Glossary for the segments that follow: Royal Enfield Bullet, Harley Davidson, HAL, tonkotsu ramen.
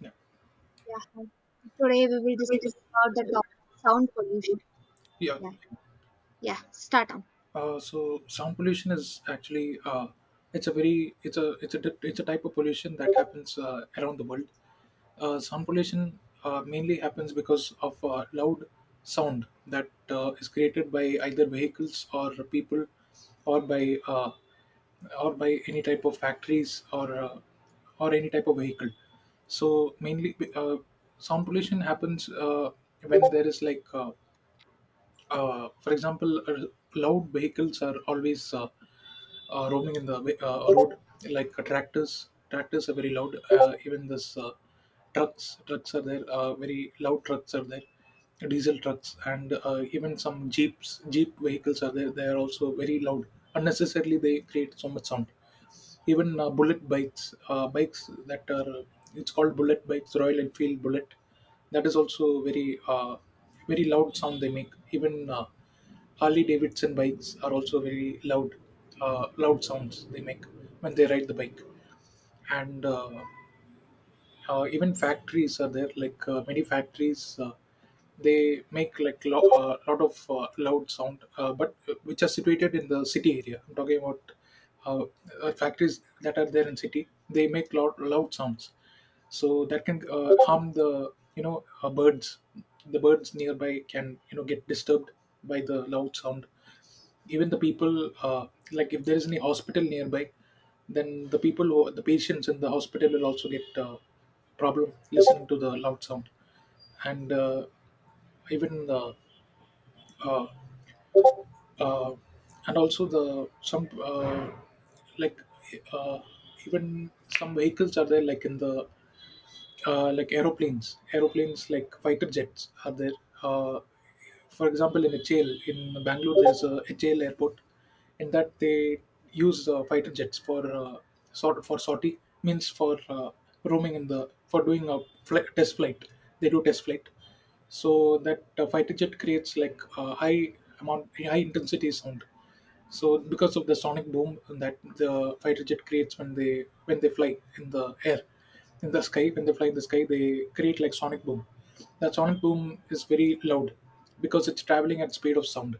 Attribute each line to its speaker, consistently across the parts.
Speaker 1: Yeah,
Speaker 2: Yeah. Hi. Today we will discuss about the topic sound pollution.
Speaker 1: yeah.
Speaker 2: Yeah. Yeah. Start on.
Speaker 1: So sound pollution is actually it's a very it's a di- it's a type of pollution that happens around the world. Sound pollution mainly happens because of loud sound that is created by either vehicles or people, or by uh, or by any type of factories or any type of vehicle. So mainly, sound pollution happens when there is like for example, loud vehicles are always roaming in the road, like tractors. Tractors are very loud. Even this trucks are there. Very loud trucks are there. Diesel trucks and even some jeep vehicles are there. They are also very loud. Unnecessarily, they create so much sound. Even bikes that are it's called bullet bikes, Royal Enfield Bullet. That is also very loud sound they make. Even Harley Davidson bikes are also very loud, loud sounds they make when they ride the bike. And Even factories are there like many factories they make like lot of loud sound but which are situated in the city area I'm talking about. uh, Factories that are there in city they make loud, loud sounds, so that can harm the you know birds. The birds nearby can, you know, get disturbed by the loud sound. Even the people, like if there is any hospital nearby, then the people who, the patients in the hospital will also get problem listening to the loud sound. And uh, even the uh, uh, and also the some like uh, even some vehicles are there like in the like aeroplanes like fighter jets are there. Uh, for example, in HAL in Bangalore, there's a HAL airport, and that they use fighter jets for sortie, means for roaming in the for doing a flight, test flight. They do test flight, so that fighter jet creates like high intensity sound. So because of the sonic boom that the fighter jet creates when they fly in the air, in the sky, when they fly in the sky, they create like sonic boom. That sonic boom is very loud because it's traveling at speed of sound.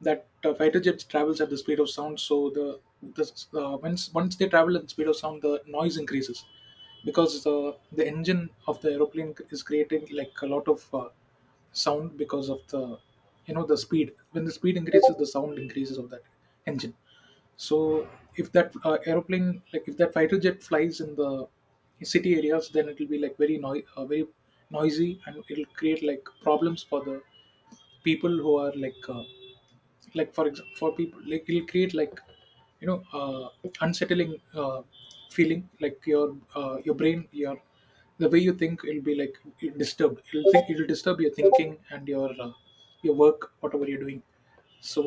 Speaker 1: That fighter jets travels at the speed of sound, so the once they travel at the speed of sound the noise increases because the engine of the aeroplane is creating like a lot of sound because of the, you know, the speed. When the speed increases the sound increases of that engine. So if that aeroplane, like if that fighter jet flies in the city areas, then it will be like very very noisy and it'll create like problems for the people who are like for example for people, like it'll create like, you know, unsettling feeling. Like your brain, your the way you think, it'll be like disturbed. It'll think it'll disturb your thinking and your work, whatever you're doing. So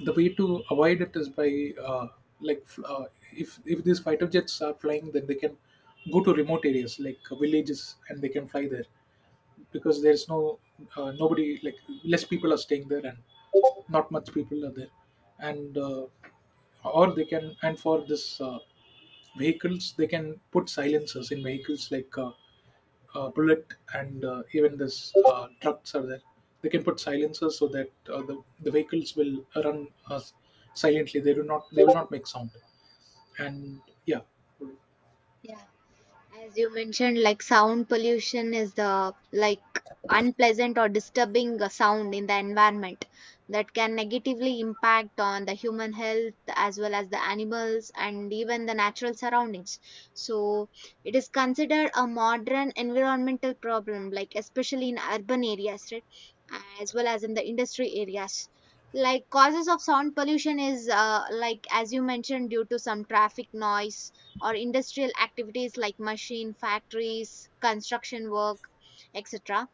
Speaker 1: the way to avoid it is by uh, like f- uh, if these fighter jets are flying, then they can go to remote areas like villages and they can fly there, because there's no nobody, like less people are staying there and not much people are there. And Or they can, and for this vehicles, they can put silencers in vehicles like bullet. And even this trucks are there, they can put silencers so that the vehicles will run silently. They do not, they will not make sound. And yeah.
Speaker 2: Yeah. As you mentioned, like sound pollution is the like unpleasant or disturbing sound in the environment that can negatively impact on the human health as well as the animals and even the natural surroundings. So it is considered a modern environmental problem, like especially in urban areas, right? As well as in the industry areas. Like causes of sound pollution is like as you mentioned due to some traffic noise or industrial activities like machine factories construction work etc.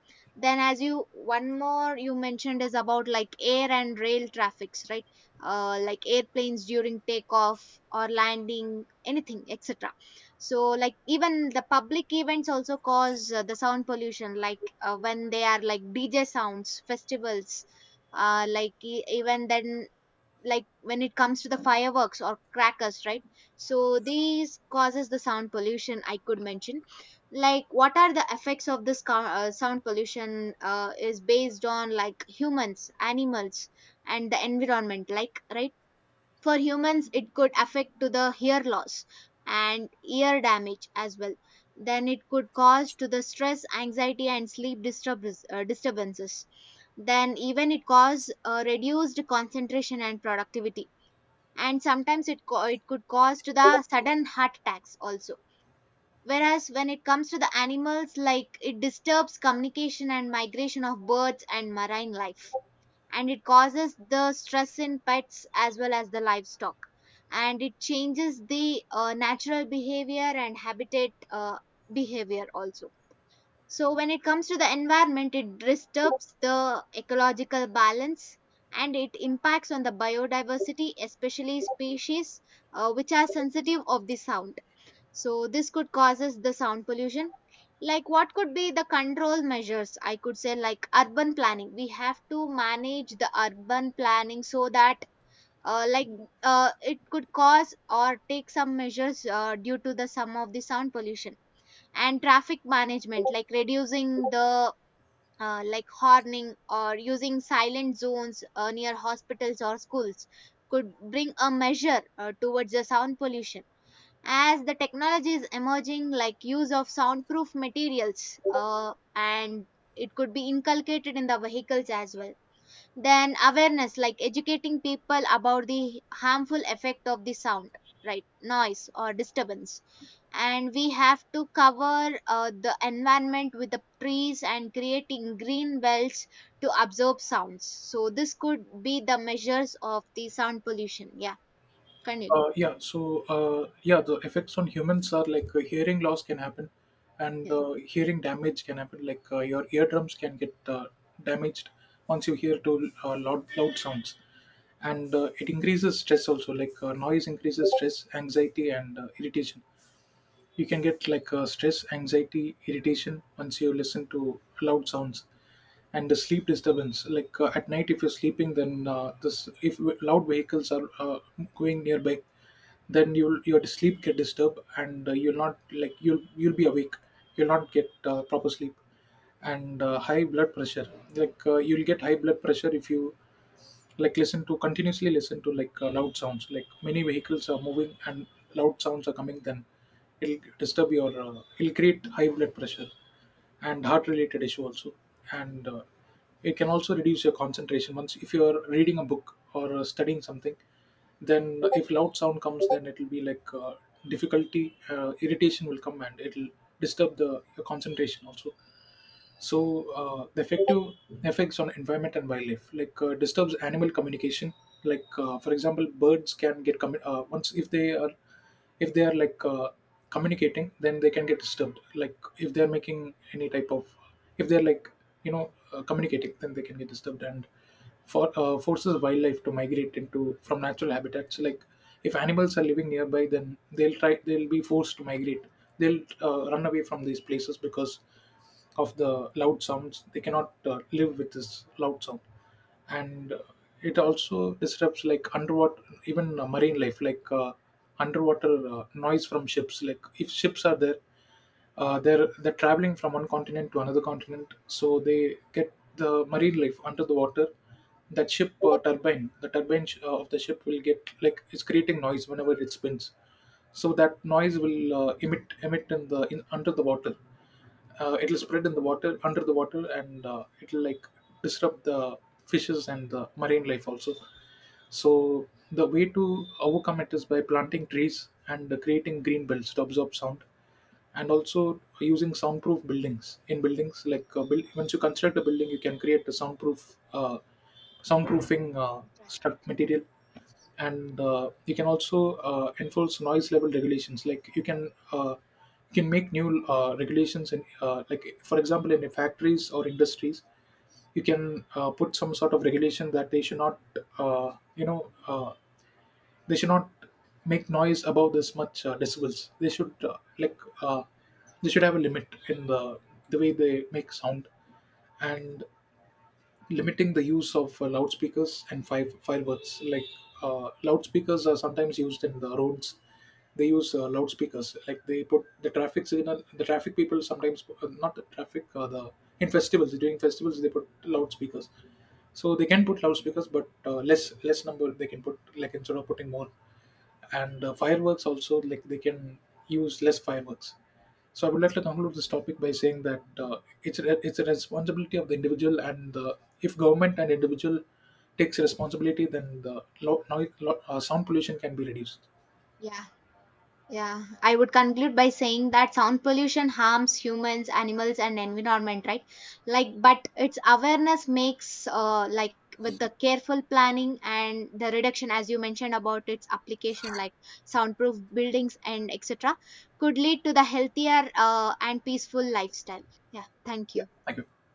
Speaker 2: Then as you one more you mentioned is about like air and rail traffics, right? Like airplanes during takeoff or landing anything etc. So like even the public events also cause the sound pollution, like when they are like DJ sounds festivals, like even then, like when it comes to the fireworks or crackers, right? So these causes the sound pollution I could mention. Like what are the effects of this sound pollution is based on like humans animals and the environment, like right. For humans, it could affect to the hear loss and ear damage as well. Then it could cause to the stress, anxiety, and sleep disturbance, disturbances. Then even it cause reduced concentration and productivity. And sometimes it it could cause to the sudden heart attacks also. Whereas when it comes to the animals, like it disturbs communication and migration of birds and marine life, and it causes the stress in pets as well as the livestock, and it changes the natural behavior and habitat behavior also. So when it comes to the environment, it disturbs the ecological balance and it impacts on the biodiversity especially species which are sensitive of the sound. So this could causes the sound pollution. Like what could be the control measures? I could say like urban planning. We have to manage the urban planning so that uh, like it could cause or take some measures due to the some of the sound pollution, and traffic management like reducing the like horning, or using silent zones near hospitals or schools could bring a measure towards the sound pollution. As the technology is emerging, like use of soundproof materials, and it could be inculcated in the vehicles as well. Then awareness, like educating people about the harmful effect of the sound, right, noise or disturbance. And we have to cover the environment with the trees and creating green belts to absorb sounds. So this could be the measures of the sound pollution. Yeah, continue.
Speaker 1: The effects on humans are like hearing loss can happen, and
Speaker 2: Yeah.
Speaker 1: hearing damage can happen. Like your eardrums can get damaged once you hear too loud sounds, and it increases stress also. Like noise increases stress, anxiety, and irritation. You can get like stress, anxiety, irritation once you listen to loud sounds, and the sleep disturbance. Like at night, if you're sleeping, then this if w- loud vehicles are going nearby, then you'll your sleep get disturbed, and you'll not like you'll be awake. You'll not get proper sleep. And high blood pressure, like you'll get high blood pressure if you listen to, continuously listen to, like loud sounds, like many vehicles are moving and loud sounds are coming, then it'll disturb your, it'll create high blood pressure and heart related issue also. And it can also reduce your concentration. Once if you're reading a book or studying something, then if loud sound comes then it'll be like difficulty, irritation will come and it'll disturb the your concentration also. So the effective effects on environment and wildlife, like disturbs animal communication. Like for example, birds can get once if they are, if they are like uh, communicating, then they can get disturbed. Like if they're making any type of, if they're like, you know, communicating, then they can get disturbed. And forces wildlife to migrate into from natural habitats, like if animals are living nearby then they'll be forced to migrate. They'll run away from these places because of the loud sounds. They cannot live with this loud sound. And it also disrupts like underwater, even marine life. Like underwater noise from ships, like if ships are there, they're traveling from one continent to another continent, so they get the marine life under the water. That ship turbine the turbine of the ship will get like, it's creating noise whenever it spins. So that noise will emit in the, in under the water. It'll spread in the water, under the water, and it'll like disrupt the fishes and the marine life also. So the way to overcome it is by planting trees and creating green belts to absorb sound, and also using soundproof buildings. In buildings like once you construct a building you can create a soundproof soundproofing struct
Speaker 2: Infrastructure.
Speaker 1: material. And you can also enforce noise level regulations. Like you can make new regulations in like for example in factories or industries, you can put some sort of regulation that they should not, you know, uh, they should not make noise above this much decibels. They should they should have a limit in the way they make sound. And limiting the use of loudspeakers and fireworks, like loudspeakers are sometimes used in the roads. They use loudspeakers, like they put the traffic signal, the traffic people sometimes, not the traffic the in festivals, during festivals they put loudspeakers. So they can put loudspeakers but less number they can put, like instead of putting more. And fireworks also, like they can use less fireworks. So I would like to conclude this topic by saying that it's a responsibility of the individual and the, if government and individual takes responsibility then the sound pollution can be reduced.
Speaker 2: Yeah. Yeah, I would conclude by saying that sound pollution harms humans, animals, and environment, right? Like, but its awareness makes, like, with the careful planning and the reduction, as you mentioned about its application, like soundproof buildings and etc., could lead to the healthier and peaceful lifestyle. Yeah, thank
Speaker 1: Yeah,
Speaker 2: you.
Speaker 1: thank you.